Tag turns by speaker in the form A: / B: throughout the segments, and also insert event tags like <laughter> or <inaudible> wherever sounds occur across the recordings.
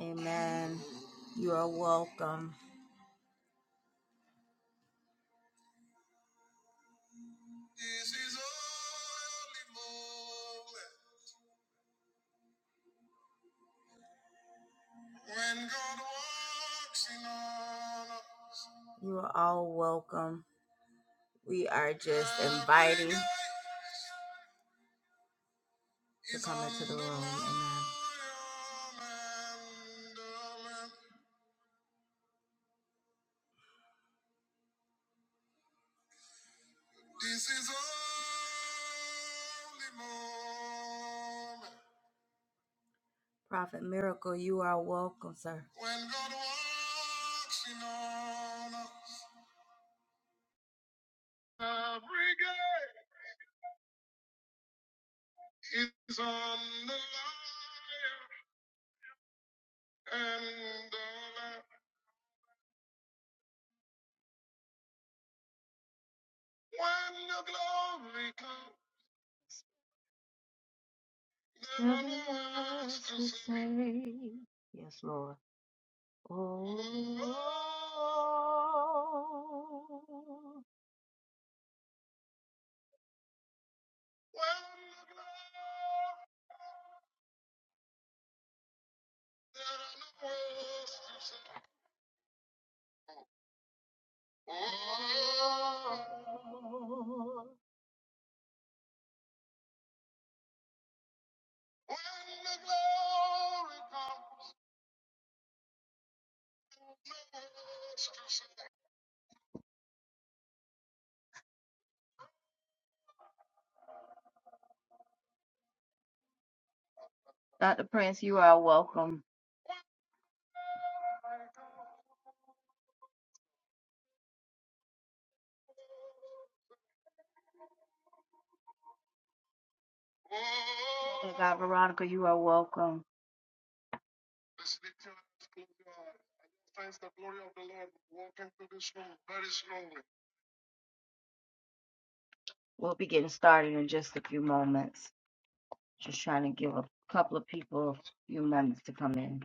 A: Amen. You are welcome. You are all welcome. We are J- Prophet Miracle. You are welcome, sir. Yes, Lord. Dr. Prince, you are welcome. Veronica, you are welcome. We'll be getting started in just a few moments. Just trying to give a couple of people a few moments to come in.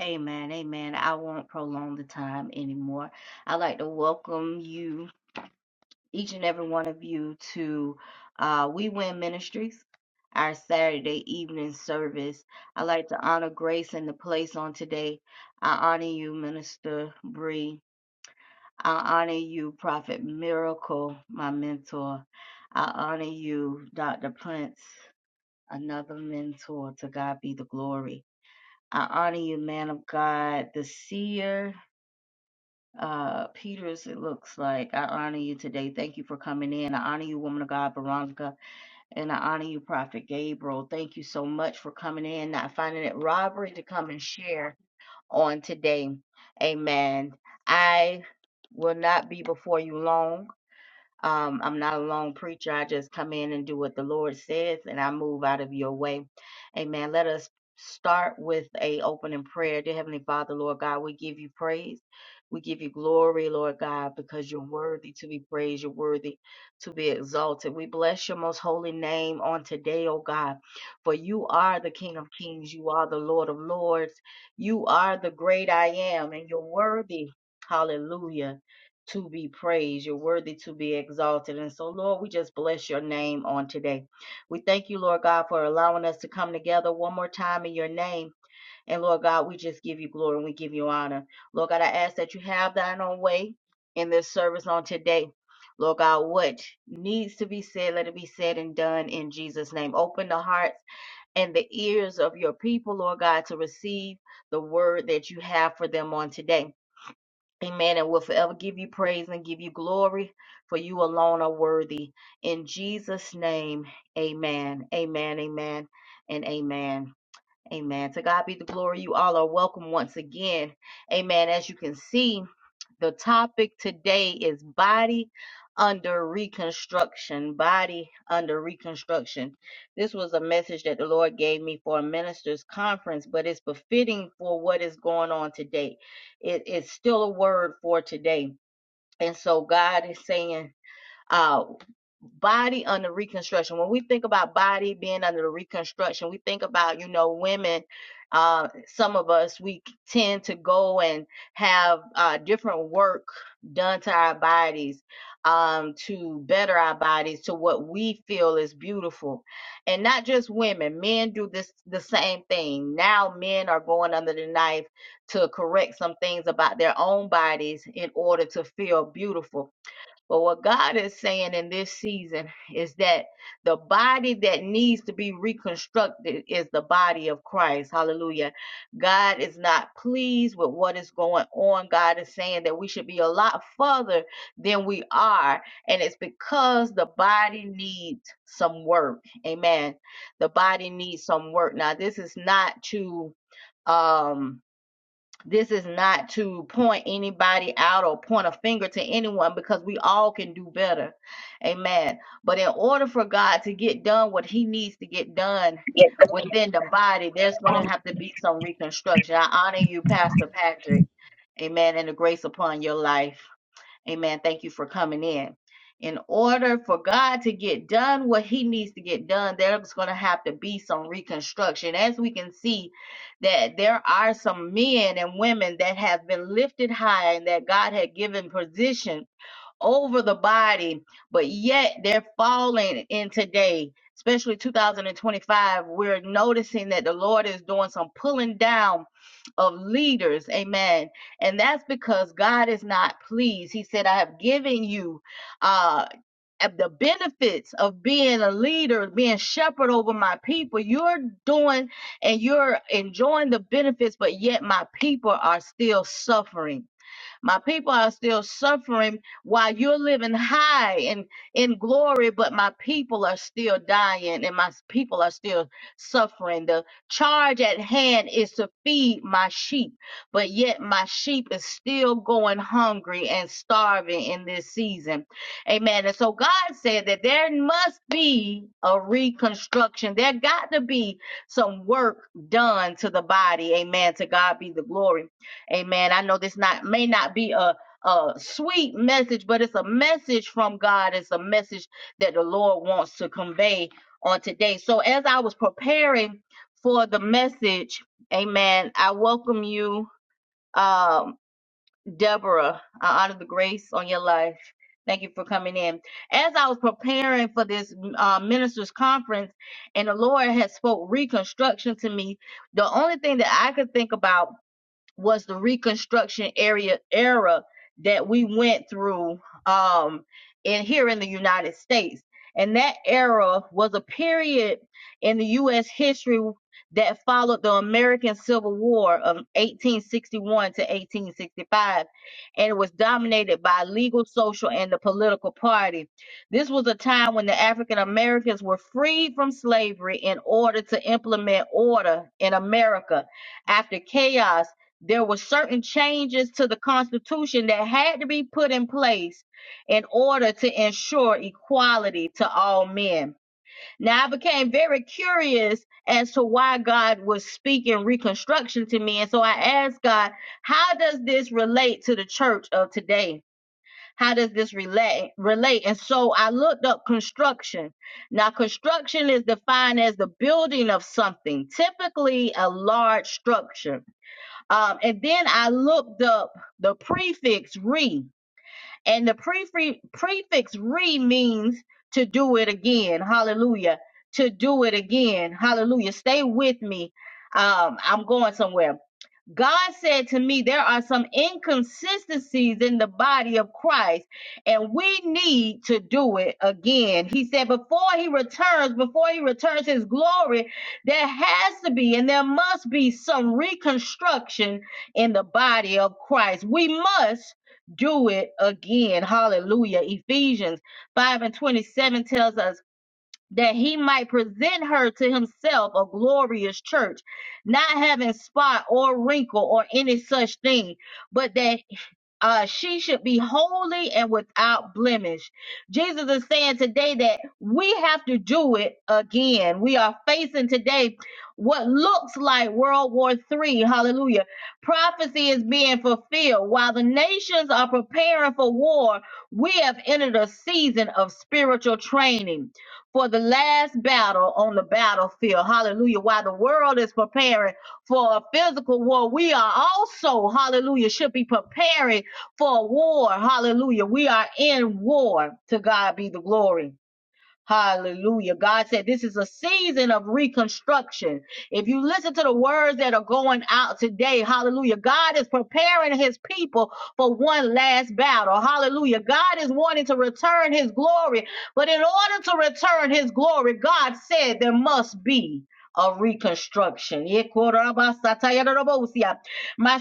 A: Amen. Amen. I won't prolong the time anymore. I'd like to welcome you, each and every one of you. uh, We Win Ministries, our Saturday evening service. I'd like to honor Grace in the place on today. I honor you, Minister Bree. I honor you, Prophet Miracle, my mentor. I honor you, Dr. Prince, another mentor. To God be the glory. I honor you, man of God, the seer. Uh, Peters, it looks like I honor you today. Thank you for coming in. I honor you, woman of God, Veronica. And I honor you, Prophet Gabriel. Thank you so much for coming in, not finding it robbery to come and share on today. Amen. I will not be before you long. Um, I'm not a lone preacher. I just come in and do what the Lord says, and I move out of your way. Amen. Let us start with a opening prayer. Dear Heavenly Father, Lord God, we give you praise. We give you glory, Lord God, because you're worthy to be praised. You're worthy to be exalted. We bless your most holy name on today, oh God, for you are the King of kings. You are the Lord of lords. You are the great I am, and you're worthy. Hallelujah to be praised. You're worthy to be exalted. And so, Lord, we just bless your name on today. We thank you, Lord God, for allowing us to come together one more time in your name. And Lord God, we just give you glory and we give you honor. Lord God, I ask that you have thine own way in this service on today. Lord God, what needs to be said, let it be said and done in Jesus' name. Open the hearts and the ears of your people, Lord God, to receive the word that you have for them on today. Amen. And will forever give you praise and give you glory, for you alone are worthy. In Jesus' name, amen. Amen. Amen. And amen. Amen. To God be the glory. You all are welcome once again. Amen. As you can see, the topic today is body under reconstruction. Body under reconstruction. This was a message that the Lord gave me for a ministers' conference, but it's befitting for what is going on today. It- it's still a word for today. And so God is saying, uh, body under reconstruction. When we think about body being under the reconstruction, we think about, you know, women. Uh, some of us, we tend to go and have uh, different work done to our bodies um, to better our bodies to what we feel is beautiful. And not just women, men do this the same thing. Now men are going under the knife to correct some things about their own bodies in order to feel beautiful but what God is saying in this season is that the body that needs to be reconstructed is the body of Christ. Hallelujah. God is not pleased with what is going on. God is saying that we should be a lot further than we are. And it's because the body needs some work. Amen. The body needs some work. Now, this is not to um this is not to point anybody out or point a finger to anyone because we all can do better. Amen. But in order for God to get done what he needs to get done
B: Yes,
A: within the body, there's going to
B: Uh,
A: have to be some reconstruction. I honor you, Pastor Patrick. Amen. And the grace upon your life. Amen. Thank you for coming in. In order for God to get done what he needs to get done, there's going to have to be some reconstruction. As we can see, that there are some men and women that have been lifted high and that God had given position over the body, but yet they're falling in today, especially 2025. We're noticing that the Lord is doing some pulling down of leaders. Amen. And that's because God is not pleased. He said, I have given you uh the benefits of being a leader, being shepherd over my people. You're doing and you're enjoying the benefits, but yet my people are still suffering my people are still suffering while you're living high and in glory, but my people are still dying and my people are still suffering. The charge at hand is to feed my sheep, but yet my sheep is still going hungry and starving in this season. Amen. And so God said that there must be a reconstruction. There got to be some work done to the body. Amen. To God be the glory. Amen. I know this not may not be a a sweet message, but it's a message from God. It's a message that the Lord wants to convey on today. So as I was preparing for the message, Amen. I welcome you, um, Deborah. I honor the grace on your life. Thank you for coming in. As I was preparing for this uh, ministers conference, and the Lord has spoke reconstruction to me, the only thing that I could think about was the Reconstruction area era that we went through um, in here in the United States, and that era was a period in the U.S. history that followed the American Civil War of 1861 to 1865, and it was dominated by legal, social, and the political party. This was a time when the African Americans were freed from slavery in order to implement order in America after chaos there were certain changes to the Constitution that had to be put in place in order to ensure equality to all men. Now, I became very curious as to why God was speaking Reconstruction to me. And so I asked God, how does this relate to the church of today? How does this relate? relate? And so I looked up construction. Now, construction is defined as the building of something, typically a large structure. Um, and then I looked up the prefix re, and the prefix prefix re means to do it again. Hallelujah. To do it again. Hallelujah. Stay with me. Um, I'm going somewhere. God said to me, there are some inconsistencies in the body of Christ, and we need to do it again. He said, before he returns, before he returns his glory, there has to be and there must be some reconstruction in the body of Christ. We must do it again. Hallelujah. Ephesians 5 and 27 tells us that he might present her to himself a glorious church, not having spot or wrinkle or any such thing, but that uh, she should be holy and without blemish. Jesus is saying today that we have to do it again. We are facing today what looks like World War III. Hallelujah. Prophecy is being fulfilled. While the nations are preparing for war, we have entered a season of spiritual training for the last battle on the battlefield. Hallelujah. While the world is preparing for a physical war, we are also, hallelujah, should be preparing for war. Hallelujah. We are in war. To God be the glory. Hallelujah. God said this is a season of reconstruction. If you listen to the words that are going out today, hallelujah, God is preparing his people for one last battle. Hallelujah. God is wanting to return his glory, but in order to return his glory, God said there must be a reconstruction. My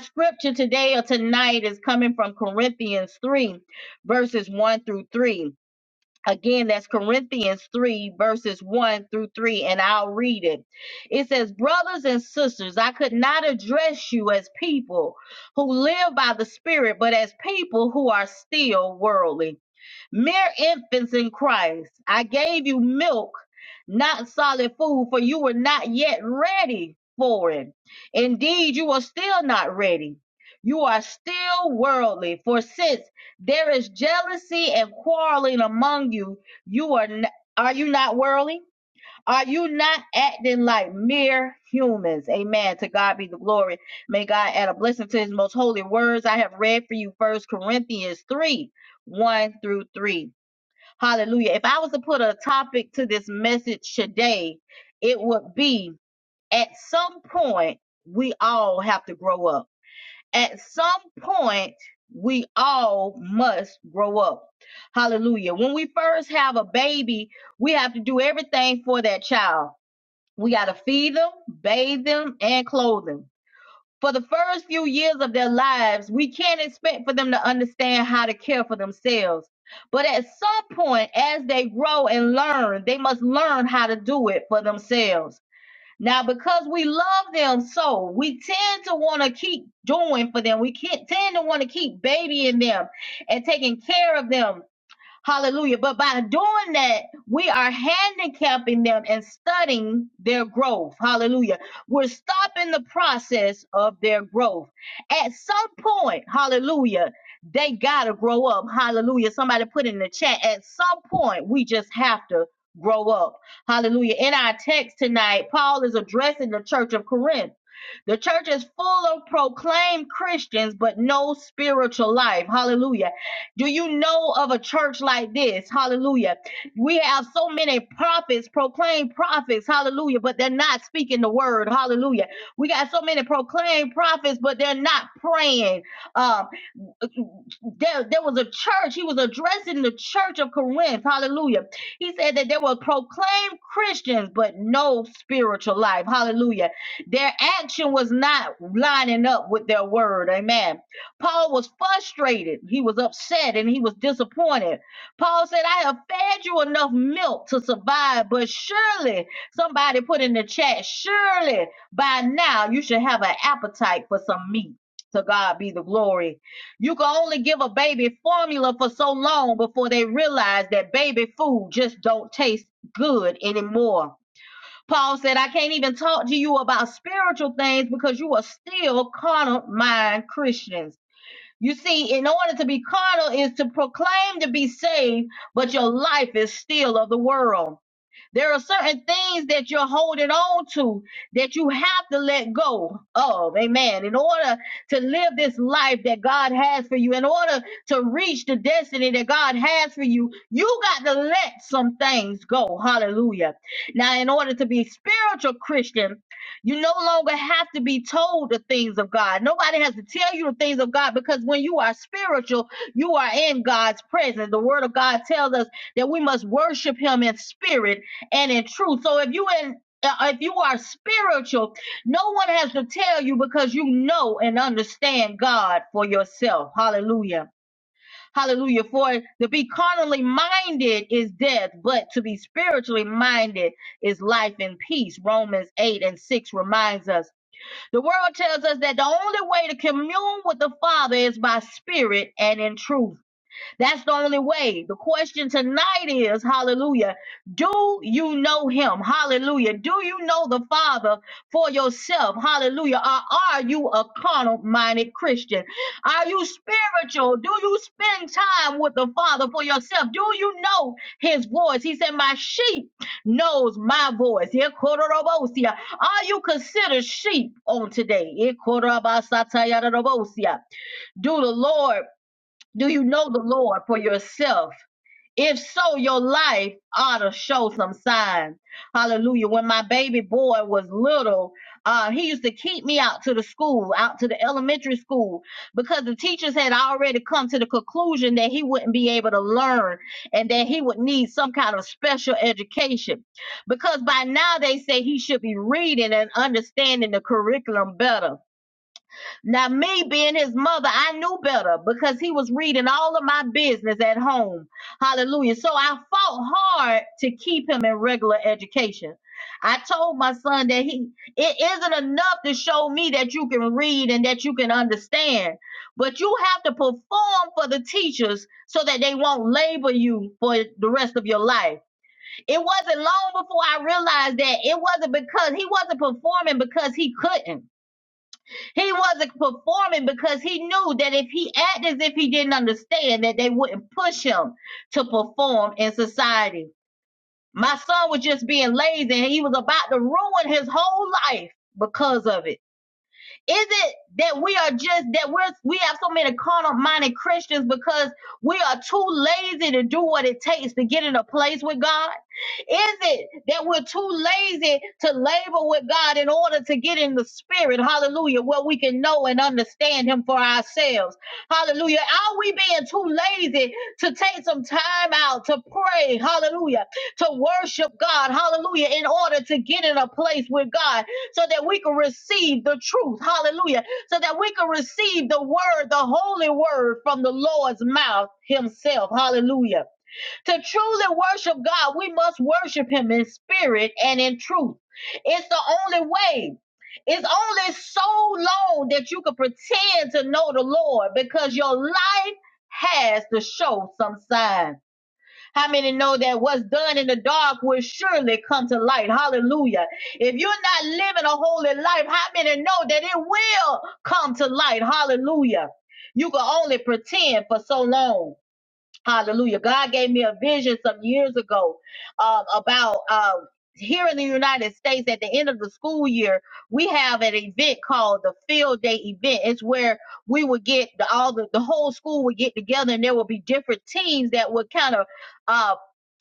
A: scripture today or tonight is coming from Corinthians 3, verses 1 through 3. Again, that's Corinthians 3, verses 1 through 3, and I'll read it. It says, Brothers and sisters, I could not address you as people who live by the Spirit, but as people who are still worldly Mere infants in Christ, I gave you milk, not solid food, for you were not yet ready for it. Indeed, you are still not ready. You are still worldly, for since there is jealousy and quarreling among you, you are n- are you not worldly? Are you not acting like mere humans? Amen. To God be the glory. May God add a blessing to his most holy words. I have read for you First Corinthians 3 1 through 3. Hallelujah. If I was to put a topic to this message today, it would be at some point, we all have to grow up. At some point, we all must grow up. Hallelujah. When we first have a baby, we have to do everything for that child. We got to feed them, bathe them, and clothe them for the first few years of their lives, we can't expect for them to understand how to care for themselves. But at some point, as they grow and learn, they must learn how to do it for themselves. Now, because we love them so, we tend to want to keep doing for them. We can't tend to want to keep babying them and taking care of them Hallelujah. But by doing that, we are handicapping them and studying their growth. Hallelujah. We're stopping the process of their growth. At some point, hallelujah, they got to grow up. Hallelujah. Somebody put in the chat, at some point, we just have to grow up. Hallelujah. In our text tonight, Paul is addressing the church of Corinth. The church is full of proclaimed Christians, but no spiritual life. Hallelujah. Do you know of a church like this? Hallelujah. We have so many prophets, proclaimed prophets. Hallelujah. But they're not speaking the word. Hallelujah. We got so many proclaimed prophets, but they're not praying. uh, there, there was a church. He was addressing the church of Corinth. Hallelujah. He said that they were proclaimed Christians, but no spiritual life. Hallelujah. Their action was not lining up with their word. Amen. Paul was frustrated. He was upset and he was disappointed. Paul said, I have fed you enough milk to survive, but surely, somebody put in the chat, surely by now you should have an appetite for some meat. To God be the glory. You can only give a baby formula for so long before they realize that baby food just don't taste good anymore. Paul said, I can't even talk to you about spiritual things because you are still carnal mind Christians. You see, in order to be carnal is to proclaim to be saved, but your life is still of the world. There are certain things that you're holding on to that you have to let go of. Amen. In order to live this life that God has for you, in order to reach the destiny that God has for you, you got to let some things go. Hallelujah. Now, in order to be spiritual Christian, you no longer have to be told the things of God. Nobody has to tell you the things of God because when you are spiritual, you are in God's presence. The word of God tells us that we must worship him in spirit and in truth. So if you in uh, if you are spiritual, no one has to tell you because you know and understand God for yourself. Hallelujah. Hallelujah. For to be carnally minded is death, but to be spiritually minded is life and peace. Romans 8 and 6 reminds us. The world tells us that the only way to commune with the Father is by spirit and in truth. That's the only way. The question tonight is, hallelujah, do you know him? Hallelujah. Do you know the Father for yourself? Hallelujah. Or are you a carnal minded Christian? Are you spiritual? Do you spend time with the Father for yourself? Do you know his voice? He said, My sheep knows my voice. Yeah, kororobosia. Are you considered sheep on today? Yeah, korabasatayarabosia. Do the Lord do you know the Lord for yourself? If so, your life ought to show some sign. Hallelujah. When my baby boy was little, uh, he used to keep me out to the school, out to the elementary school, because the teachers had already come to the conclusion that he wouldn't be able to learn and that he would need some kind of special education. Because by now they say he should be reading and understanding the curriculum better. Now, me being his mother, I knew better because he was reading all of my business at home. Hallelujah. So I fought hard to keep him in regular education. I told my son that he, it isn't enough to show me that you can read and that you can understand, but you have to perform for the teachers so that they won't label you for the rest of your life. It wasn't long before I realized that it wasn't because he wasn't performing because he couldn't. He wasn't performing because he knew that if he acted as if he didn't understand that they wouldn't push him to perform in society. My son was just being lazy and he was about to ruin his whole life because of it. Is it that we are just that we're we have so many carnal minded Christians because we are too lazy to do what it takes to get in a place with God? Is it that we're too lazy to labor with God in order to get in the spirit, hallelujah, where we can know and understand him for ourselves? Hallelujah. Are we being too lazy to take some time out to pray, hallelujah, to worship God, hallelujah, in order to get in a place with God? so that we can receive the truth. Hallelujah. So that we can receive the word, the holy word from the Lord's mouth himself. Hallelujah. To truly worship God, we must worship him in spirit and in truth. It's the only way. It's only so long that you can pretend to know the Lord because your life has to show some sign. How many know that what's done in the dark will surely come to light? Hallelujah. If you're not living a holy life, how many know that it will come to light? Hallelujah. You can only pretend for so long. Hallelujah. God gave me a vision some years ago um, about uh, here in the United States at the end of the school year, we have an event called the Field Day event. It's where we would get the, all the, the whole school would get together and there would be different teams that would kind of uh,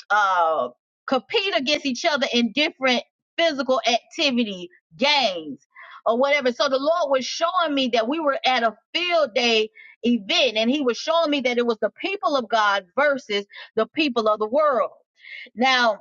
A: uh, compete against each other in different physical activity games or whatever. So the Lord was showing me that we were at a field day event, and He was showing me that it was the people of God versus the people of the world. Now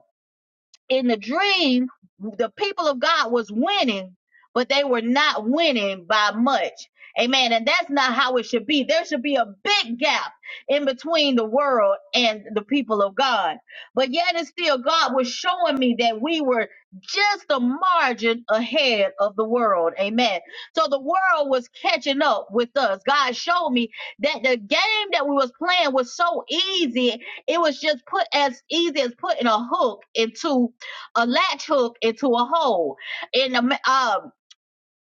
A: in the dream the people of god was winning but they were not winning by much amen and that's not how it should be there should be a big gap in between the world and the people of god but yet and still god was showing me that we were just a margin ahead of the world amen so the world was catching up with us god showed me that the game that we was playing was so easy it was just put as easy as putting a hook into a latch hook into a hole. In the um,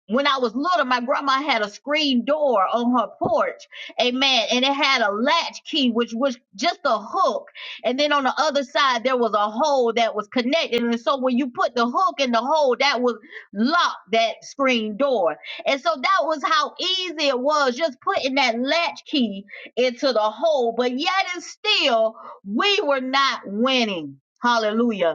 A: when I was little, my grandma had a screen door on her porch, amen, and it had a latch key, which was just a hook, and then on the other side there was a hole that was connected, and so when you put the hook in the hole, that would lock that screen door, and so that was how easy it was just putting that latch key into the hole, but yet and still we were not winning. Hallelujah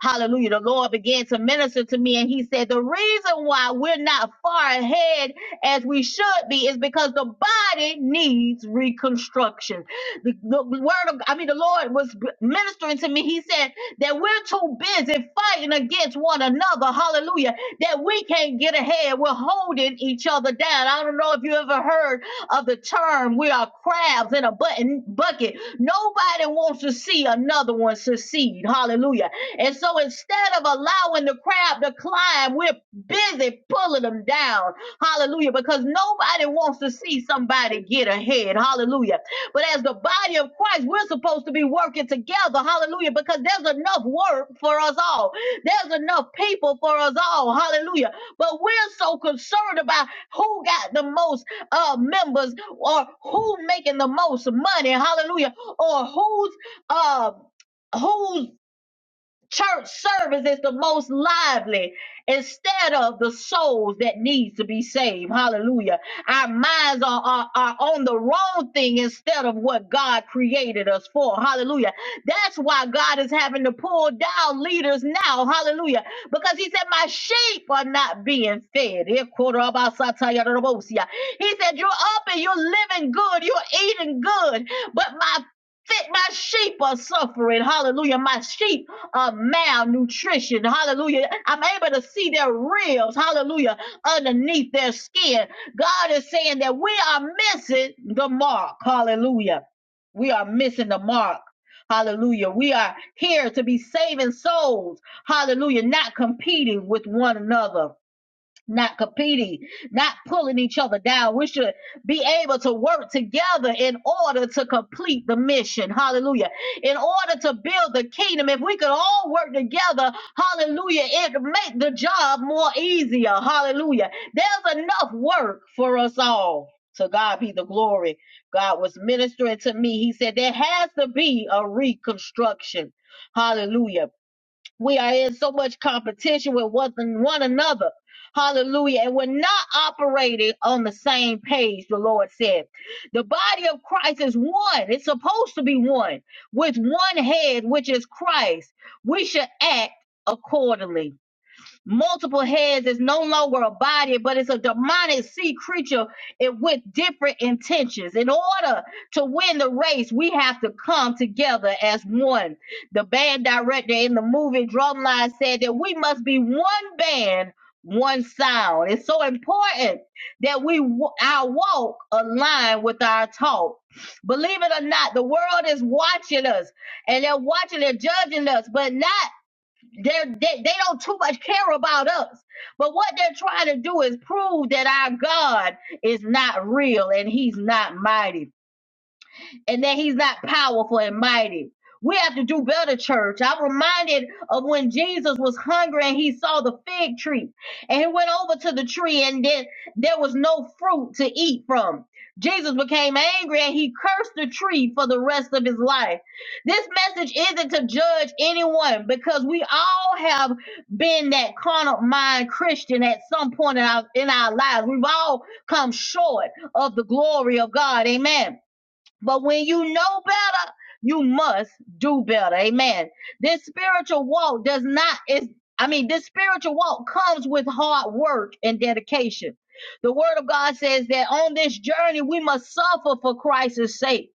A: Hallelujah. The Lord began to minister to me, and He said, The reason why we're not far ahead as we should be is because the body needs reconstruction. The, the word of, I mean, the Lord was ministering to me. He said that we're too busy fighting against one another. Hallelujah. That we can't get ahead. We're holding each other down. I don't know if you ever heard of the term, we are crabs in a button bucket. Nobody wants to see another one succeed. Hallelujah. And so instead of allowing the crab to climb, we're busy pulling them down. Hallelujah. Because nobody wants to see somebody get ahead. Hallelujah. But as the body of Christ, we're supposed to be working together. Hallelujah. Because there's enough work for us all. There's enough people for us all. Hallelujah. But we're so concerned about who got the most uh, members or who making the most money. Hallelujah. Or who's uh who's Church service is the most lively instead of the souls that needs to be saved. Hallelujah. Our minds are, are, are on the wrong thing instead of what God created us for. Hallelujah. That's why God is having to pull down leaders now. Hallelujah. Because he said, My sheep are not being fed. He said, You're up and you're living good, you're eating good, but my fit my sheep are suffering. Hallelujah. My sheep uh, malnutrition. Hallelujah. I'm able to see their ribs. Hallelujah. Underneath their skin. God is saying that we are missing the mark. Hallelujah. We are missing the mark. Hallelujah. We are here to be saving souls. Hallelujah. Not competing with one another not competing, not pulling each other down. We should be able to work together in order to complete the mission. Hallelujah. In order to build the kingdom, if we could all work together, hallelujah, it make the job more easier. Hallelujah. There's enough work for us all. To God be the glory. God was ministering to me. He said there has to be a reconstruction. Hallelujah we are in so much competition with one, one another. Hallelujah. And we're not operating on the same page, the Lord said. The body of Christ is one. It's supposed to be one with one head, which is Christ. We should act accordingly multiple heads. It's no longer a body, but it's a demonic sea creature it, with different intentions. In order to win the race, we have to come together as one. The band director in the movie Drumline said that we must be one band, one sound. It's so important that we our walk align with our talk. Believe it or not, the world is watching us and they're watching, they're judging us, but not they're, they they don't too much care about us. But what they're trying to do is prove that our God is not real and He's not mighty and that he's not powerful and mighty. We have to do better, church. I'm reminded of when Jesus was hungry and he saw the fig tree and he went over to the tree and then there was no fruit to eat from. Jesus became angry and he cursed the tree for the rest of his life. This message isn't to judge anyone because we all have been that carnal mind Christian at some point in our, in our lives. We've all come short of the glory of God. Amen. But when you know better, you must do better. Amen. This spiritual walk does not is I mean, this spiritual walk comes with hard work and dedication. The word of God says that on this journey we must suffer for Christ's sake.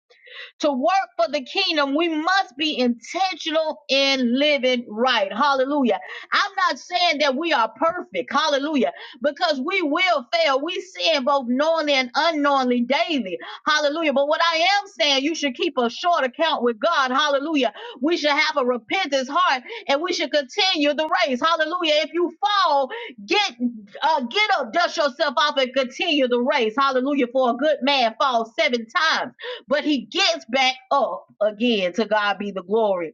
A: To work for the kingdom, we must be intentional in living right. Hallelujah. I'm not saying that we are perfect. Hallelujah. Because we will fail. We sin both knowingly and unknowingly daily. Hallelujah. But what I am saying, you should keep a short account with God. Hallelujah. We should have a repentance heart and we should continue the race. Hallelujah. If you fall, get uh, get up, dust yourself off, and continue the race. Hallelujah. For a good man falls seven times but he gets back up again. To God be the glory.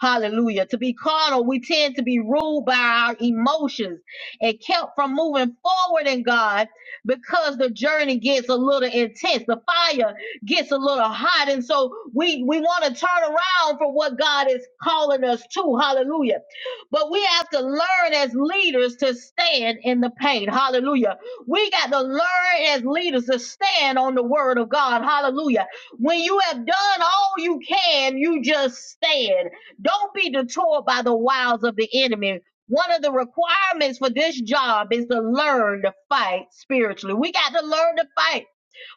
A: Hallelujah. To be carnal, we tend to be ruled by our emotions and kept from moving forward in God because the journey gets a little intense. The fire gets a little hot. And so we, we want to turn around for what God is calling us to. Hallelujah. But we have to learn as leaders to stand in the pain. Hallelujah. We got to learn as leaders to stand on the word of God. Hallelujah. When you have done all you can, you just stand. Don't be detoured by the wiles of the enemy. One of the requirements for this job is to learn to fight spiritually. We got to learn to fight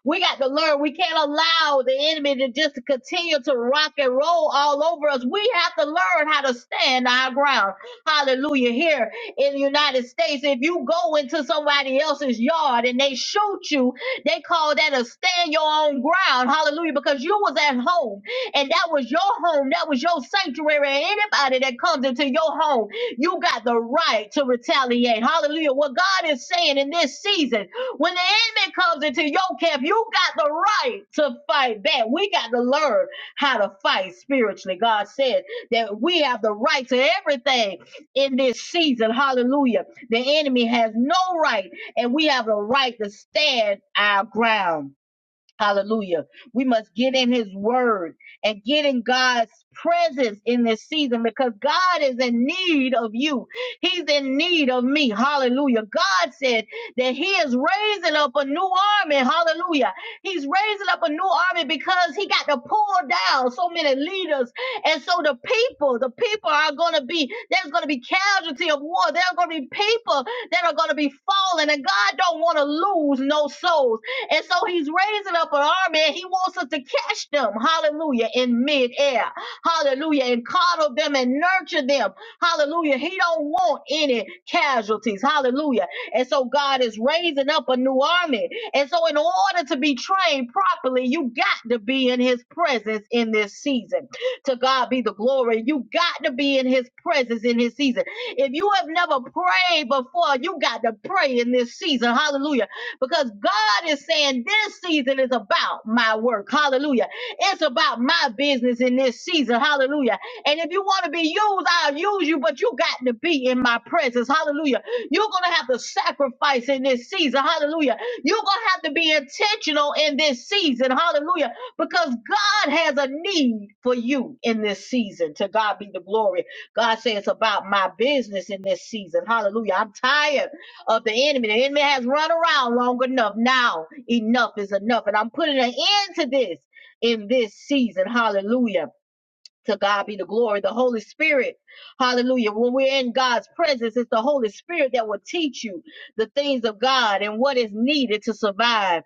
A: we got to learn. We can't allow the enemy to just continue to rock and roll all over us. We have to learn how to stand our ground. Hallelujah. Here in the United States, if you go into somebody else's yard and they shoot you, they call that a stand your own ground. Hallelujah. Because you was at home and that was your home. That was your sanctuary. And anybody that comes into your home, you got the right to retaliate. Hallelujah. What God is saying in this season when the enemy comes into your camp, you got the right to fight back. We got to learn how to fight spiritually. God said that we have the right to everything in this season. Hallelujah. The enemy has no right, and we have the right to stand our ground. Hallelujah. We must get in his word and get in God's presence in this season because God is in need of you. He's in need of me. Hallelujah. God said that he is raising up a new army. Hallelujah. He's raising up a new army because he got to pull down so many leaders. And so the people, the people are going to be, there's going to be casualty of war. There are going to be people that are going to be falling and God don't want to lose no souls. And so he's raising up an army and he wants us to catch them, hallelujah, in midair, hallelujah, and coddle them and nurture them, hallelujah. He don't want any casualties, hallelujah. And so God is raising up a new army. And so in order to be trained properly, you got to be in his presence in this season. To God be the glory. You got to be in his presence in his season. If you have never prayed before, you got to pray in this season. Hallelujah because God is saying this season is about my work. Hallelujah. It's about my business in this season. Hallelujah. And if you want to be used, I'll use you, but you got to be in my presence. Hallelujah. You're going to have to sacrifice in this season. Hallelujah. You're going to have to be intentional in this season. Hallelujah. Because God has a need for you in this season. To God be the glory. God says it's about my business in this season. Hallelujah. I'm tired of the enemy. The enemy has run around long enough. Now, enough is enough. And I'm putting an end to this in this season. Hallelujah. To God be the glory. The Holy Spirit. Hallelujah. When we're in God's presence, it's the Holy Spirit that will teach you the things of God and what is needed to survive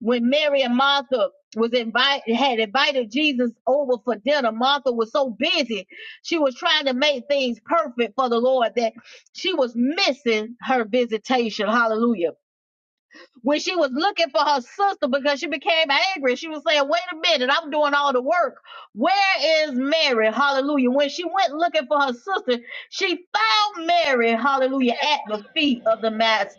A: when Mary and Martha was invited had invited Jesus over for dinner. Martha was so busy. She was trying to make things perfect for the Lord that she was missing her visitation. Hallelujah. When she was looking for her sister because she became angry, she was saying, Wait a minute, I'm doing all the work. Where is Mary? Hallelujah. When she went looking for her sister, she found Mary, hallelujah, at the feet of the Master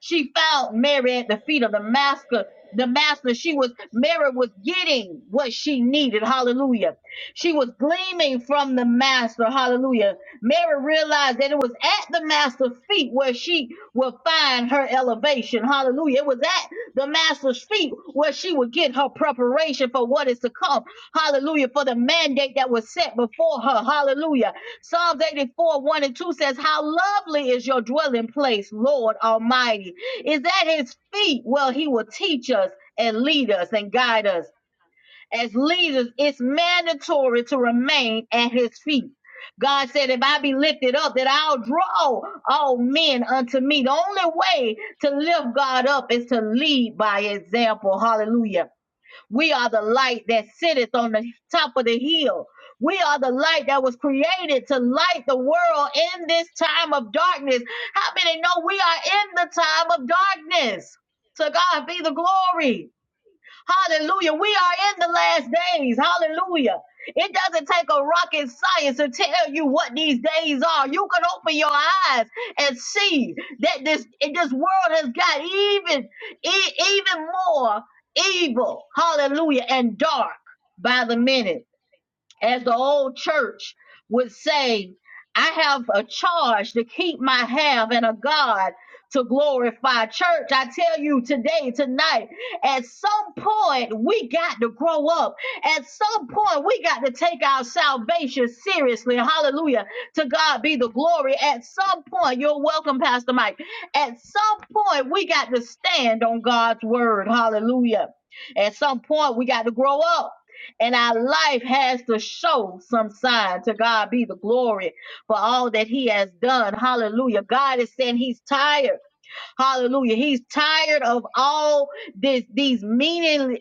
A: she found Mary at the feet of the master. The master, she was, Mary was getting what she needed. Hallelujah. She was gleaming from the master. Hallelujah. Mary realized that it was at the master's feet where she would find her elevation. Hallelujah. It was at the master's feet where she would get her preparation for what is to come. Hallelujah. For the mandate that was set before her. Hallelujah. Psalms 84, 1 and 2 says, How lovely is your dwelling place, Lord Almighty. Is at his feet. Well, he will teach us and lead us and guide us. As leaders, it's mandatory to remain at his feet. God said, If I be lifted up, that I'll draw all men unto me. The only way to lift God up is to lead by example. Hallelujah. We are the light that sitteth on the top of the hill. We are the light that was created to light the world in this time of darkness. How many know we are in the time of darkness? To God be the glory. Hallelujah. We are in the last days. Hallelujah. It doesn't take a rocket science to tell you what these days are. You can open your eyes and see that this this world has got even e- even more evil. Hallelujah and dark by the minute as the old church would say, I have a charge to keep my half, and a God to glorify. Church, I tell you today, tonight, at some point we got to grow up. At some point we got to take our salvation seriously. Hallelujah. To God be the glory. At some point, you're welcome, Pastor Mike. At some point we got to stand on God's word. Hallelujah. At some point we got to grow up and our life has to show some sign to God be the glory for all that he has done. Hallelujah. God is saying he's tired. Hallelujah. He's tired of all this these meaningless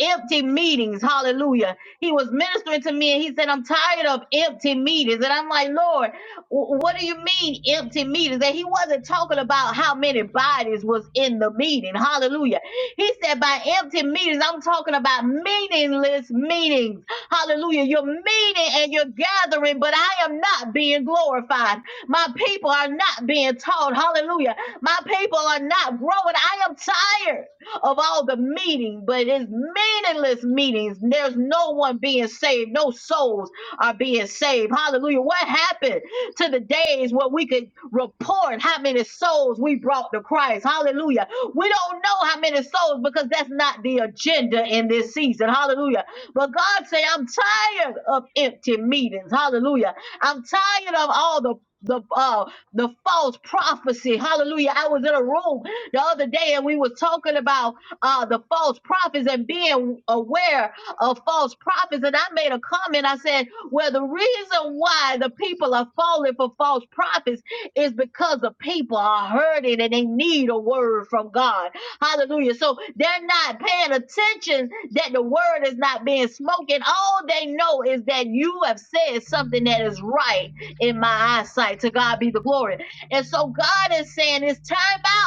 A: empty meetings. Hallelujah. He was ministering to me and he said, I'm tired of empty meetings. And I'm like, Lord, w- what do you mean empty meetings? And he wasn't talking about how many bodies was in the meeting. Hallelujah. He said, by empty meetings, I'm talking about meaningless meetings. Hallelujah. You're meeting and you're gathering, but I am not being glorified. My people are not being taught. Hallelujah. My people are not growing. I am tired of all the meeting, but it's meaningless meetings. There's no one being saved, no souls are being saved. Hallelujah. What happened to the days where we could report how many souls we brought to Christ? Hallelujah. We don't know how many souls because that's not the agenda in this season. Hallelujah. But God say, I'm tired of empty meetings. Hallelujah. I'm tired of all the the uh the false prophecy. Hallelujah. I was in a room the other day and we was talking about uh, the false prophets and being aware of false prophets. And I made a comment. I said, well, the reason why the people are falling for false prophets is because the people are hurting and they need a word from God. Hallelujah. So they're not paying attention that the word is not being spoken. All they know is that you have said something that is right in my eyesight. To God be the glory. And so God is saying it's time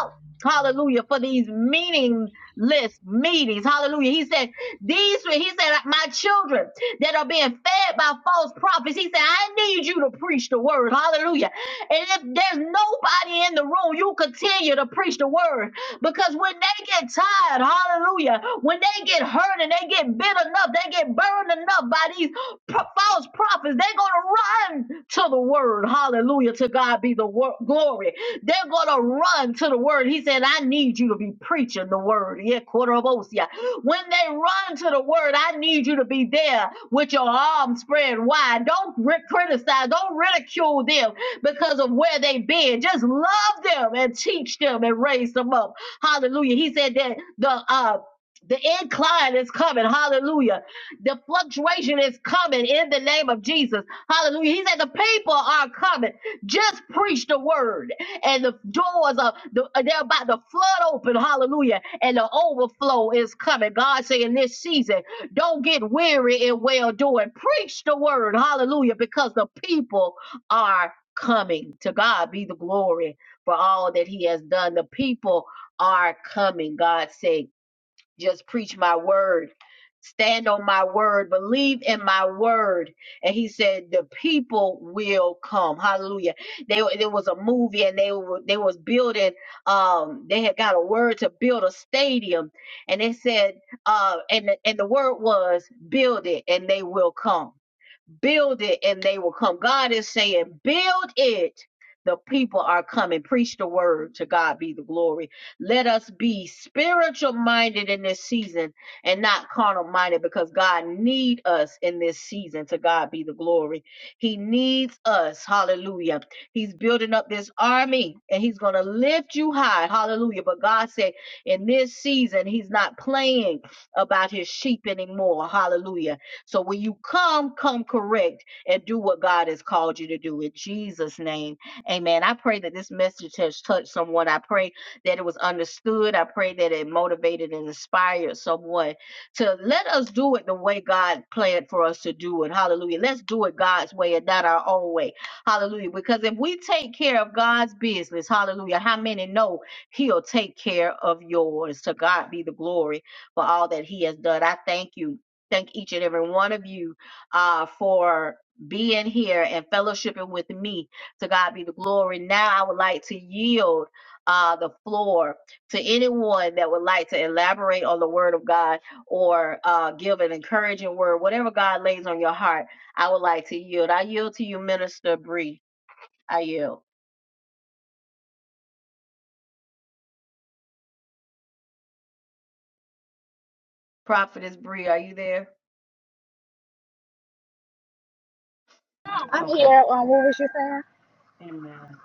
A: out. Hallelujah. For these meaningless meetings. Hallelujah. He said, these, he said, my children that are being fed by false prophets. He said, I need you to preach the word. Hallelujah. And if there's nobody in the room, you continue to preach the word because when they get tired, hallelujah, when they get hurt and they get bit enough, they get burned enough by these pro- false prophets, they're going to run to the word. Hallelujah. To God be the wor- glory. They're going to run to the word. He said, I need you to be preaching the word. Yeah, quarter of Osea. When they run to the word, I need you to be there with your arms spread wide. Don't ri- criticize, don't ridicule them because of where they've been. Just love them and teach them and raise them up. Hallelujah. He said that the uh the incline is coming. Hallelujah. The fluctuation is coming in the name of Jesus. Hallelujah. He said the people are coming. Just preach the word and the doors of the they're about to flood open. Hallelujah. And the overflow is coming. God say in this season, don't get weary in well doing. Preach the word. Hallelujah. Because the people are coming. To God be the glory for all that He has done. The people are coming, God said. Just preach my word. Stand on my word. Believe in my word. And he said, the people will come. Hallelujah. They, there was a movie and they were, they was building, um, they had got a word to build a stadium and they said, uh, and, the- and the word was build it and they will come build it and they will come. God is saying, build it. The people are coming. Preach the word. To God be the glory. Let us be spiritual minded in this season and not carnal minded because God needs us in this season. To God be the glory. He needs us. Hallelujah. He's building up this army and he's going to lift you high. Hallelujah. But God said in this season, he's not playing about his sheep anymore. Hallelujah so when you come, come correct and do what God has called you to do in Jesus' name. Amen. I pray that this message has touched someone. I pray that it was understood. I pray that it motivated and inspired someone to let us do it the way God planned for us to do it. Hallelujah. Let's do it God's way and not our own way. Hallelujah. Because if we take care of God's business, hallelujah, how many know he'll take care of yours? To God be the glory for all that he has done. I thank you thank each and every one of you uh, for being here and fellowshipping with me. To God be the glory. Now I would like to yield uh, the floor to anyone that would like to elaborate on the word of God or uh, give an encouraging word, whatever God lays on your heart. I would like to yield. I yield to you, Minister Bree. I yield. Prophetess Bree, are you there?
C: I'm
A: Okay.
C: here. Um, what was you saying?
A: Amen.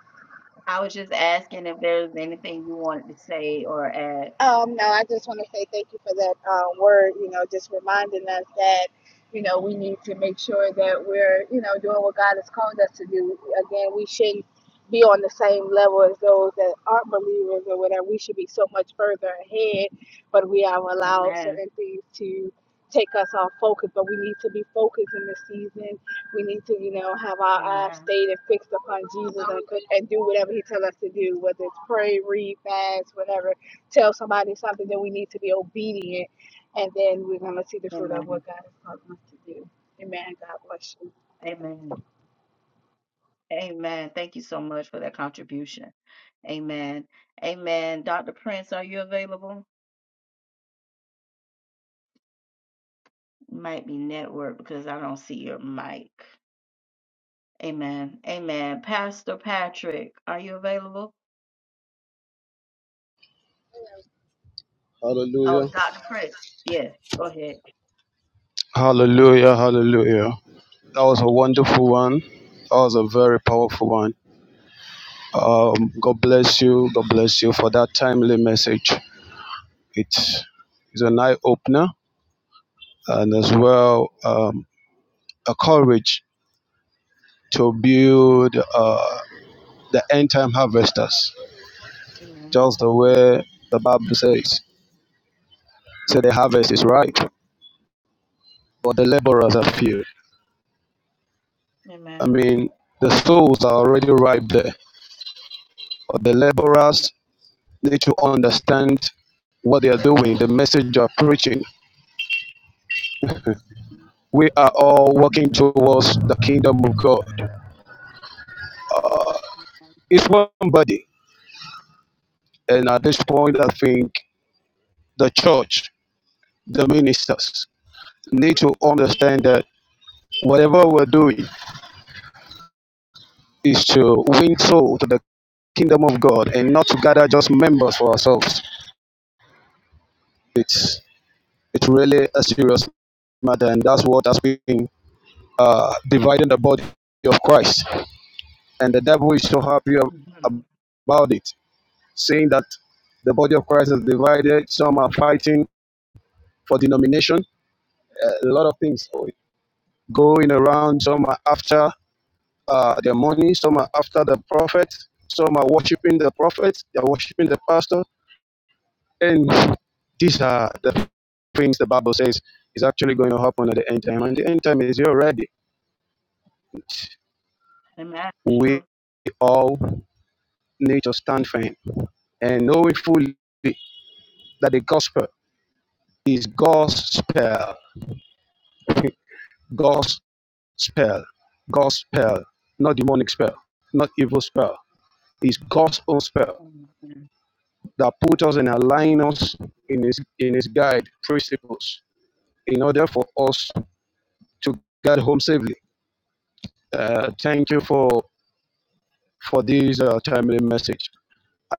A: I was just asking if there's anything you wanted to say or add.
C: Um, no, I just want to say thank you for that uh, word, you know, just reminding us that, you know, we need to make sure that we're, you know, doing what God has called us to do. Again, we shouldn't be on the same level as those that aren't believers or whatever. We should be so much further ahead, but we have allowed
A: Amen.
C: certain things to take us off focus. But we need to be focused in this season. We need to, you know, have our eyes
A: Amen.
C: stayed and fixed upon Jesus and, and do whatever He tells us to do, whether it's pray, read, fast, whatever tell somebody something, then we need to be obedient, and then we're going to see the fruit
A: Amen.
C: of what God has called us to do. Amen. God bless you.
A: Amen. Amen. Thank you so much for that contribution. Amen. Amen. Dr. Prince, are you available? Might be network because I don't see your mic. Amen. Amen. Pastor Patrick, are you available? Oh,
D: Hallelujah.
A: Dr. Prince. Yes. Go ahead.
D: Hallelujah. Hallelujah. That was a wonderful one. That was a very powerful one. Um, God bless you. God bless you for that timely message. It's, it's an eye opener and as well um, a courage to build uh, the end time harvesters,
A: Amen.
D: just the way the Bible says. So the harvest is ripe, but the laborers are few. I
A: Amen.
D: mean, the souls are already ripe there, but the laborers need to understand what they are doing, the message they are preaching.
A: <laughs>
D: We are all working towards the kingdom of God. It's one body. And at this point, I think the church, the ministers, need to understand that whatever we're doing is to win soul to the kingdom of God and not to gather just members for ourselves. It's it's really a serious matter, and that's what has been uh, dividing the body of Christ. and the devil is so happy ab-
A: Amen.
D: about it, saying that the body of Christ is divided. Some are fighting for denomination. A lot of things going around. Some are after uh, their money. Some are after the prophet. Some are worshiping the prophet. They are worshiping the pastor. And these are the things the Bible says is actually going to happen at the end time. And the end time is here already.
A: Amen. It's true.
D: We all need to stand firm and know it fully that the gospel is gospel, gospel, gospel, not demonic spell, not evil spell. It's God's own spell
A: Amen.
D: that put us and align us in His in His guide principles in order for us to get home safely. Uh, thank you for for this uh, timely message,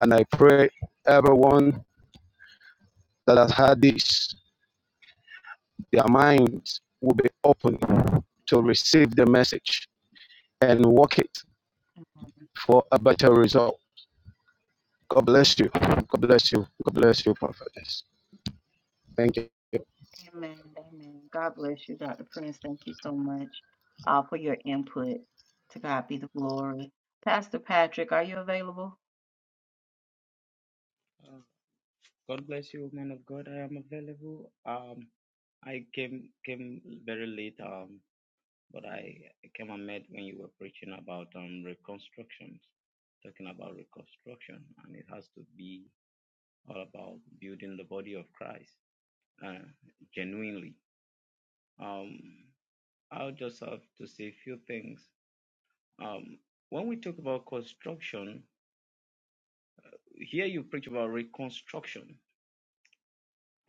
D: and I pray everyone that has heard this, their minds will be open to receive the message and work it for a better result. God bless you. God bless you. God bless you, prophetess. Thank you.
A: Amen. Amen. God bless you, Dr. Prince. Thank you so much uh, for your input. To God be the glory. Pastor Patrick, are you available?
B: God bless you, man of God. I am available. Um, I came came very late. Um, but I came and met when you were preaching about um reconstructions, talking about reconstruction, and it has to be all about building the body of Christ, uh, genuinely. Um, I'll just have to say a few things. Um, when we talk about construction, here you preach about reconstruction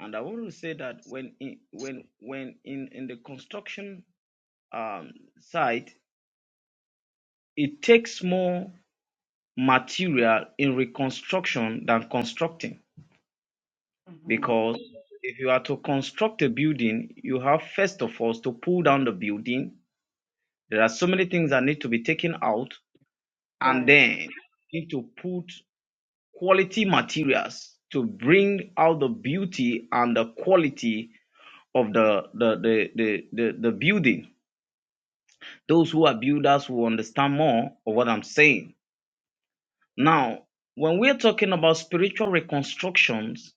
B: And I want to say that when in, when when in in the construction um, site, it takes more material in reconstruction than constructing
A: hmm
B: because if you are to construct a building, you have first of all to pull down the building. There are so many things that need to be taken out, and
A: Right.
B: then you need to put quality materials to bring out the beauty and the quality of the the the the, the, the building Those who are builders will understand more of what I'm saying. Now, when we're talking about spiritual reconstructions,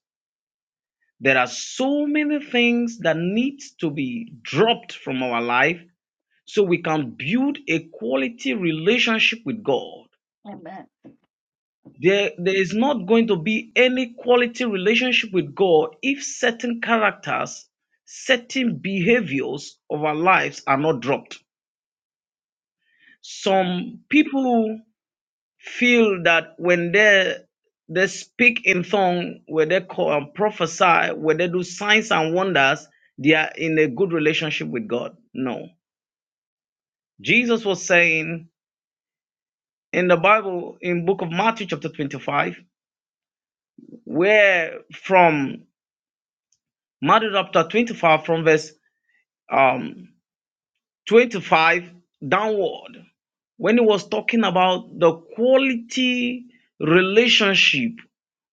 B: there are so many things that need to be dropped from our life so we can build a quality relationship with God.
A: Amen.
B: There, there is not going to be any quality relationship with God if certain characters, certain behaviors of our lives are not dropped.
A: Amen.
B: Some people feel that when they they speak in tongue, when they call and prophesy, when they do signs and wonders, they are in a good relationship with God. No. Jesus was saying in the Bible, in book of Matthew chapter 25, where from Matthew chapter 25, from verse um, 25 downward when he was talking about the quality relationship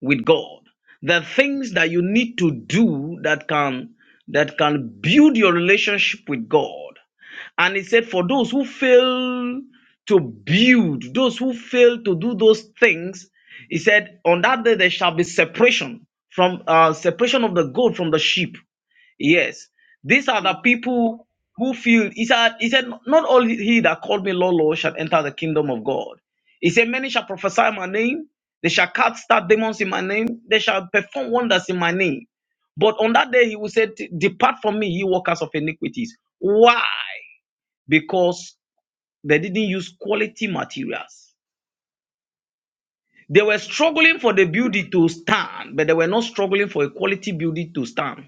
B: with God, the things that you need to do that can that can build your relationship with God. And he said, for those who fail to build, those who fail to do those things, he said, on that day there shall be separation from uh, separation of the goat from the sheep. Yes, these are the people who feel he said, he said, Not all he that called me Lord, Lord shall enter the kingdom of God. He said, Many shall prophesy in my name, they shall cast out demons in my name, they shall perform wonders in my name. But on that day he will say, Depart from me, ye workers of iniquities. Why? Because they didn't use quality materials. They were struggling for the beauty to stand, but they were not struggling for a quality beauty to stand.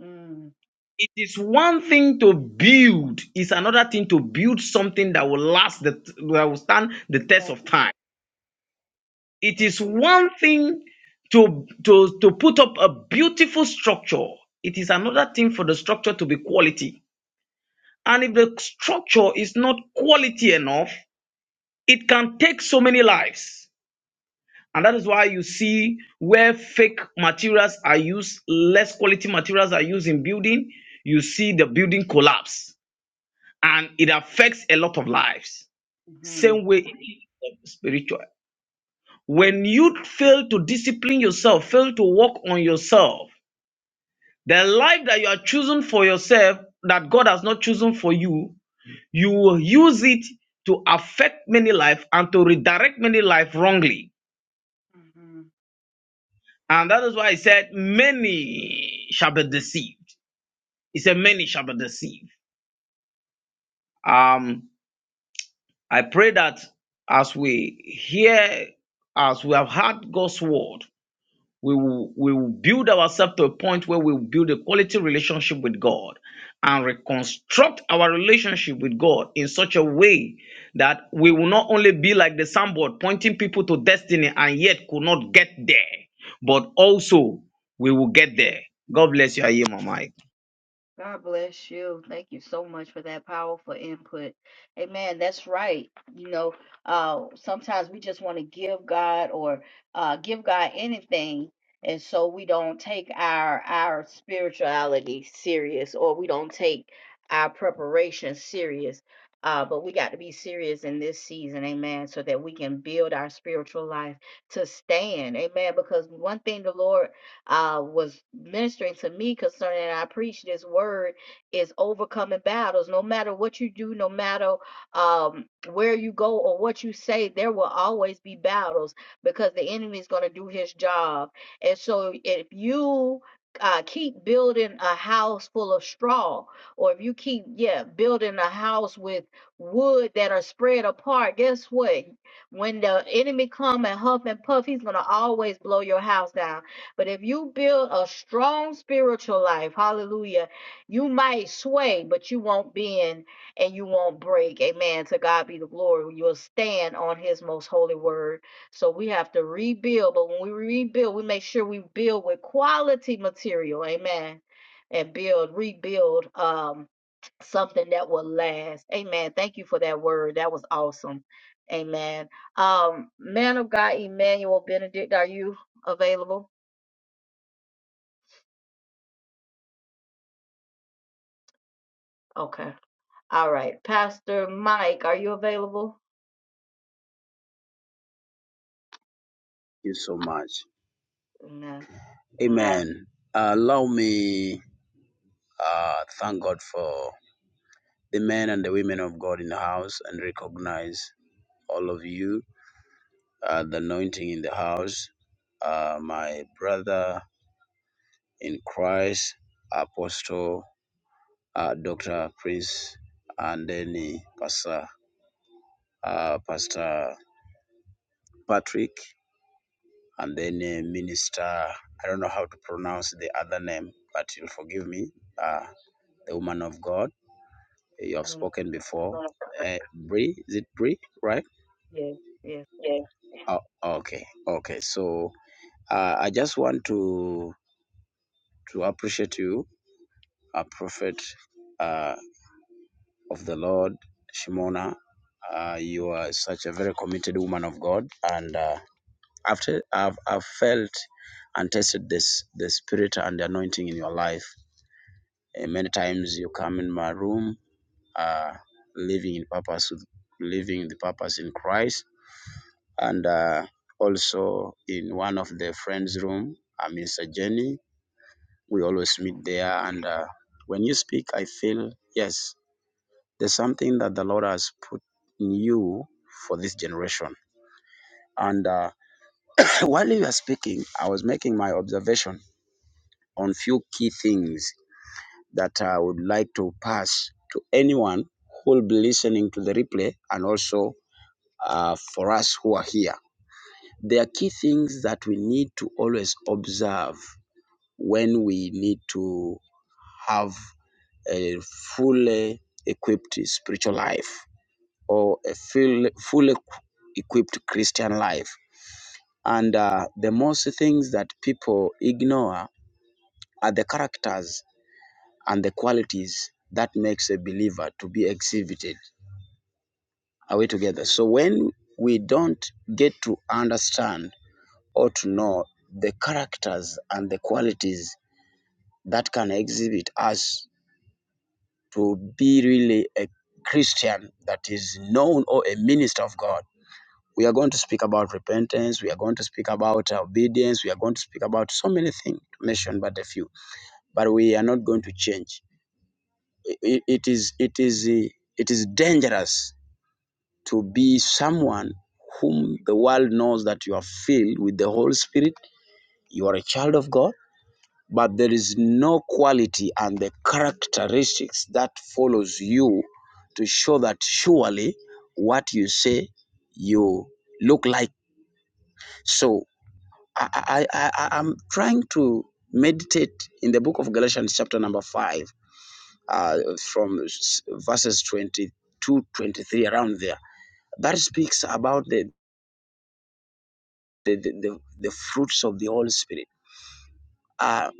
A: Mm.
B: it is one thing to build it's another thing to build something that will last the that will stand the test of
A: Amen.
B: time it is one thing to to to put up a beautiful structure it is another thing for the structure to be quality and if the structure is not quality enough it can take so many lives and that is why you see where fake materials are used less quality materials are used in building you see the building collapse and it affects a lot of lives. Same
A: Mm-hmm.
B: way spiritual. When you fail to discipline yourself, fail to work on yourself, the life that you are choosing for yourself, that God has not chosen for you, you will use it to affect many life and to redirect many life wrongly. And that is why I said, many shall be deceived. He said, many shall be deceived. Um. I pray that as we hear, as we have heard God's word, we will, we will build ourselves to a point where we will build a quality relationship with God and reconstruct our relationship with God in such a way that we will not only be like the soundboard pointing people to destiny and yet could not get there, but also we will get there. God bless you. I hear my mic.
A: God bless you. Thank you so much for that powerful input. Amen. That's right. You know, uh, sometimes we just want to give God or uh, give God anything, and so we don't take our our spirituality serious, or we don't take our preparation serious. Uh, but we got to be serious in this season, amen, so that we can build our spiritual life to stand, amen. Because one thing the Lord uh, was ministering to me concerning, and I preach this word is overcoming battles. No matter what you do, no matter um, where you go or what you say, there will always be battles because the enemy is going to do his job. And so if you uh, keep building a house full of straw, or if you keep, yeah, building a house with wood that are spread apart, guess what? When the enemy come and huff and puff, he's gonna always blow your house down but if you build a strong spiritual life, hallelujah, you might sway, but you won't bend and you won't break. Amen. To God be the glory. You'll stand on his most holy word. So we have to rebuild. But when we rebuild, we make sure we build with quality material. Amen. And build, rebuild um, something that will last. Amen. Thank you for that word. That was awesome. Amen. Um, man of God, Emmanuel Benedict, are you available? Okay. All right, Pastor Mike, are you available?
E: you so much.
A: No,
E: Amen. Uh, allow me uh thank God for the men and the women of God in the house and recognize all of you, uh, the anointing in the house, uh, my brother in Christ, Apostle uh, Dr. Prince, and then uh, Pastor, uh, Pastor Patrick, and then uh, Minister, I don't know how to pronounce the other name, but you'll forgive me, uh, the woman of God You have spoken before. Uh, Bree, is it Bree, right?
A: yes.
E: Yeah. Oh, okay, okay. So uh, I just want to to appreciate you, a prophet uh, of the Lord, Shimona. Uh, you are such a very committed woman of God, and uh, after I've I've felt and tasted this the spirit and the anointing in your life. And many times you come in my room, uh, living in purpose, with- living the purpose in Christ and uh, also in one of the friends' room. I'm in Sajeni. We always meet there, and uh, when you speak, I feel yes, there's something that the Lord has put in you for this generation. And uh, <laughs> <clears throat> while you were speaking, I was making my observation on few key things that I would like to pass to anyone who will be listening to the replay, and also uh, for us who are here. There are key things that we need to always observe when we need to have a fully equipped spiritual life or a full, fully equipped Christian life. And uh, the most things that people ignore are the characters and the qualities that makes a believer to be exhibited. Are we together? So when we don't get to understand or to know the characters and the qualities that can exhibit us to be really a Christian that is known or a minister of God. We are going to speak about repentance. We are going to speak about obedience. We are going to speak about so many things, to mention but a few. But we are not going to change. I- It is, it is, eh, it is dangerous to be someone whom the world knows that you are filled with the Holy Spirit. You are a child of God but there is no quality and the characteristics that follows you to show that surely what you say you look like so i i, I I- am trying to meditate in the book of galatians chapter number 5 uh, from verses twenty two twenty three around there that speaks about the the, the, the, the fruits of the holy spirit uh,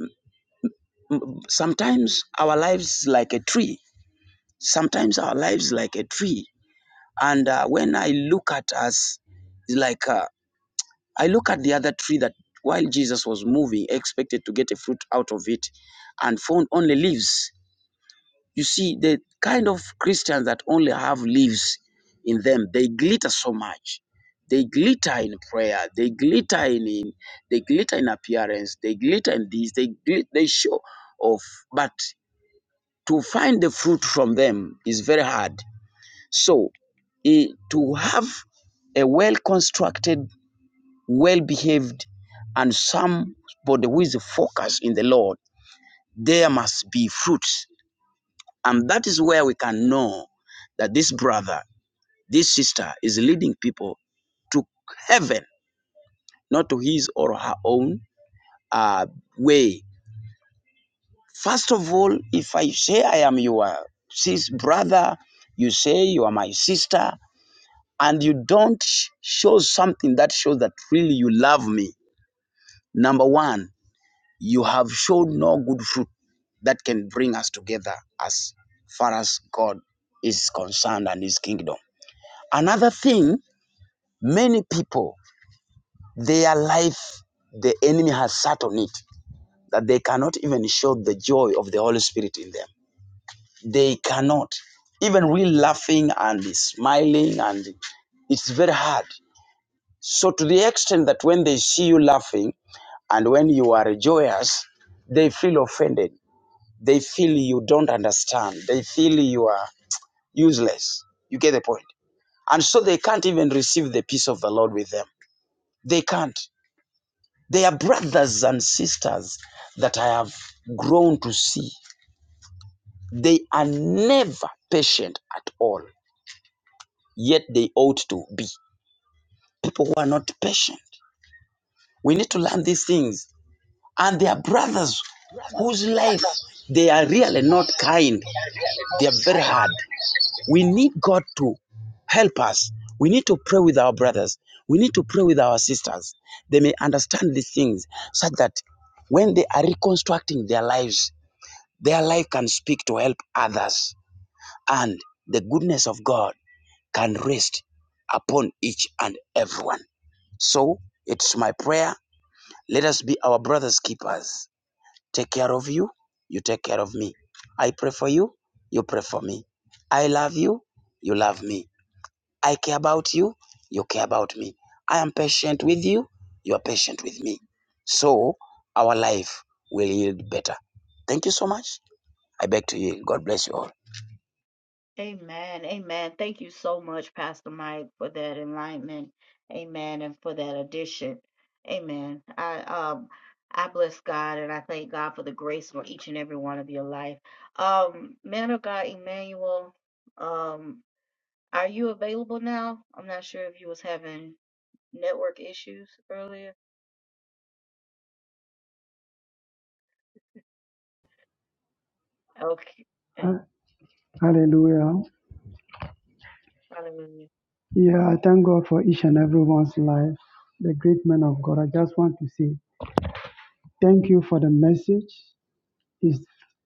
E: sometimes our lives like a tree Sometimes our lives like a tree, and uh, when I look at us, it's like uh, I look at the other tree that while Jesus was moving, expected to get a fruit out of it, and found only leaves. You see, the kind of Christians that only have leaves in them, they glitter so much. They glitter in prayer. They glitter in, in they glitter in appearance. They glitter in this. They glit, they show off, but to find the fruit from them is very hard. So eh, to have a well-constructed, well-behaved, and somebody who is focused in the Lord, there must be fruits. And that is where we can know that this brother, this sister is leading people to heaven, not to his or her own uh, way. First of all, if I say I am your sis brother, you say you are my sister, and you don't show something that shows that really you love me, Number one, you have shown no good fruit that can bring us together as far as God is concerned and his kingdom. Another thing, many people, their life, the enemy has sat on it, that they cannot even show the joy of the Holy Spirit in them. They cannot. Even we laughing and smiling, and it's very hard. So, to the extent that when they see you laughing and when you are joyous, they feel offended They feel you don't understand. They feel you are useless. You get the point. And so they can't even receive the peace of the Lord with them. They can't. They are brothers and sisters that I have grown to see. They are never patient at all, yet they ought to be. People who are not patient. We need to learn these things. And they are brothers whose life they are really not kind. They are very hard. We need God to help us. We need to pray with our brothers. We need to pray with our sisters. They may understand these things such that when they are reconstructing their lives, their life can speak to help others, and the goodness of God can rest upon each and everyone. So it's my prayer. Let us be our brothers' keepers. Take care of you. You take care of me. I pray for you. You pray for me. I love you. You love me. I care about you, you care about me. I am patient with you, you are patient with me. So our life will yield better. Thank you so much. I beg to you. God bless you all.
A: Amen. Amen. Thank you so much, Pastor Mike, for that enlightenment. Amen. And for that addition. Amen. I um I bless God and I thank God for the grace on each and every one of your life. Um, man of God, Emmanuel, um, are you available now? I'm not sure if you was having network issues earlier. Okay.
F: Ha- Hallelujah.
A: Hallelujah.
F: Yeah, I thank God for each and everyone's life. The great man of God. I just want to say thank you for the message. It's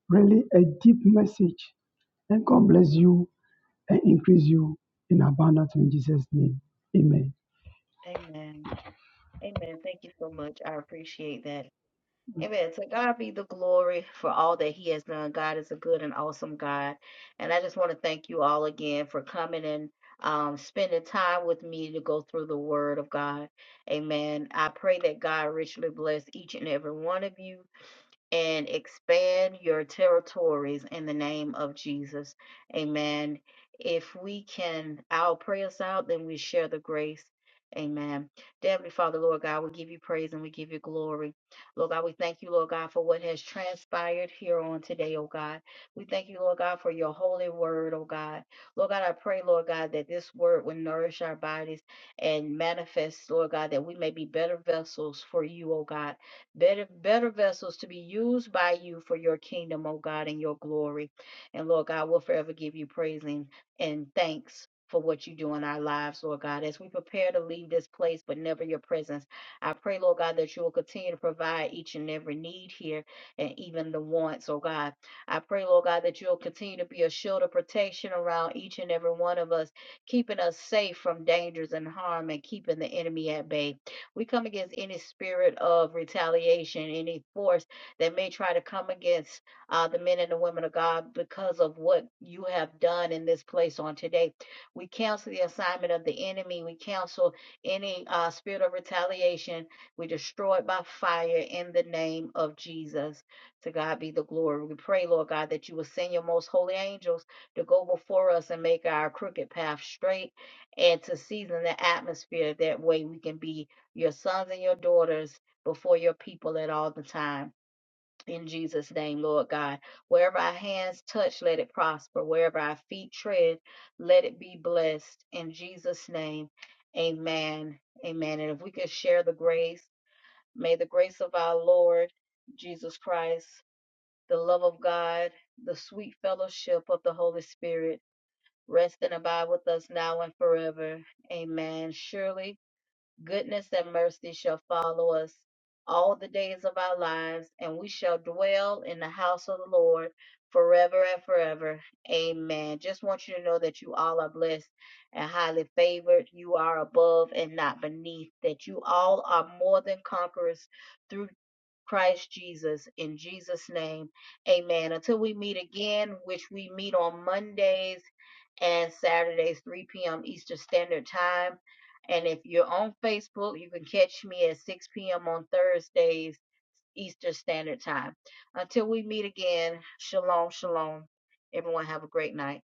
F: really a deep message. And God bless you and increase you in abundance in Jesus' name. Amen.
A: Amen. Amen. Thank you so much. I appreciate that. Amen. To God be the glory for all that He has done. God is a good and awesome God. And I just want to thank you all again for coming and um, spending time with me to go through the Word of God. Amen. I pray that God richly bless each and every one of you and expand your territories in the name of Jesus. Amen. If we can, I'll pray us out, then we share the grace. Amen. Dear Heavenly Father, Lord God, we give you praise and we give you glory. Lord God, we thank you, Lord God, for what has transpired here on today, oh God. We thank you, Lord God, for your holy word, oh God. Lord God, I pray, Lord God, that this word will nourish our bodies and manifest, Lord God, that we may be better vessels for you, oh God better, better vessels to be used by you for your kingdom, O God, and your glory. And Lord God, we'll forever give you praise and, and thanks for what you do in our lives, Lord God, as we prepare to leave this place, but never your presence. I pray, Lord God, that you will continue to provide each and every need here and even the wants, oh God. I pray, Lord God, that you'll continue to be a shield of protection around each and every one of us, keeping us safe from dangers and harm and keeping the enemy at bay. We come against any spirit of retaliation, any force that may try to come against uh, the men and the women of God because of what you have done in this place on today. We cancel the assignment of the enemy. We cancel any uh, spirit of retaliation. We destroy it by fire in the name of Jesus. To God be the glory. We pray, Lord God, that you will send your most holy angels to go before us and make our crooked path straight and to season the atmosphere. That way we can be your sons and your daughters before your people at all the time. In Jesus' name, Lord God. Wherever our hands touch, let it prosper. Wherever our feet tread, let it be blessed. In Jesus' name, amen. Amen. And if we could share the grace, may the grace of our Lord Jesus Christ, the love of God, the sweet fellowship of the Holy Spirit rest and abide with us now and forever. Amen. Surely goodness and mercy shall follow us all the days of our lives, and we shall dwell in the house of the Lord forever and forever. Amen. Just want you to know that you all are blessed and highly favored. You are above and not beneath, that you all are more than conquerors through Christ Jesus. In Jesus' name, amen. Until we meet again, which we meet on Mondays and Saturdays, 3 p.m. Eastern Standard Time. And if you're on Facebook, you can catch me at 6 p.m. on Thursdays, Eastern Standard Time. Until we meet again, shalom, shalom. Everyone have a great night.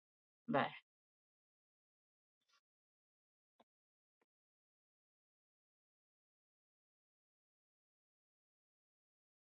A: Bye.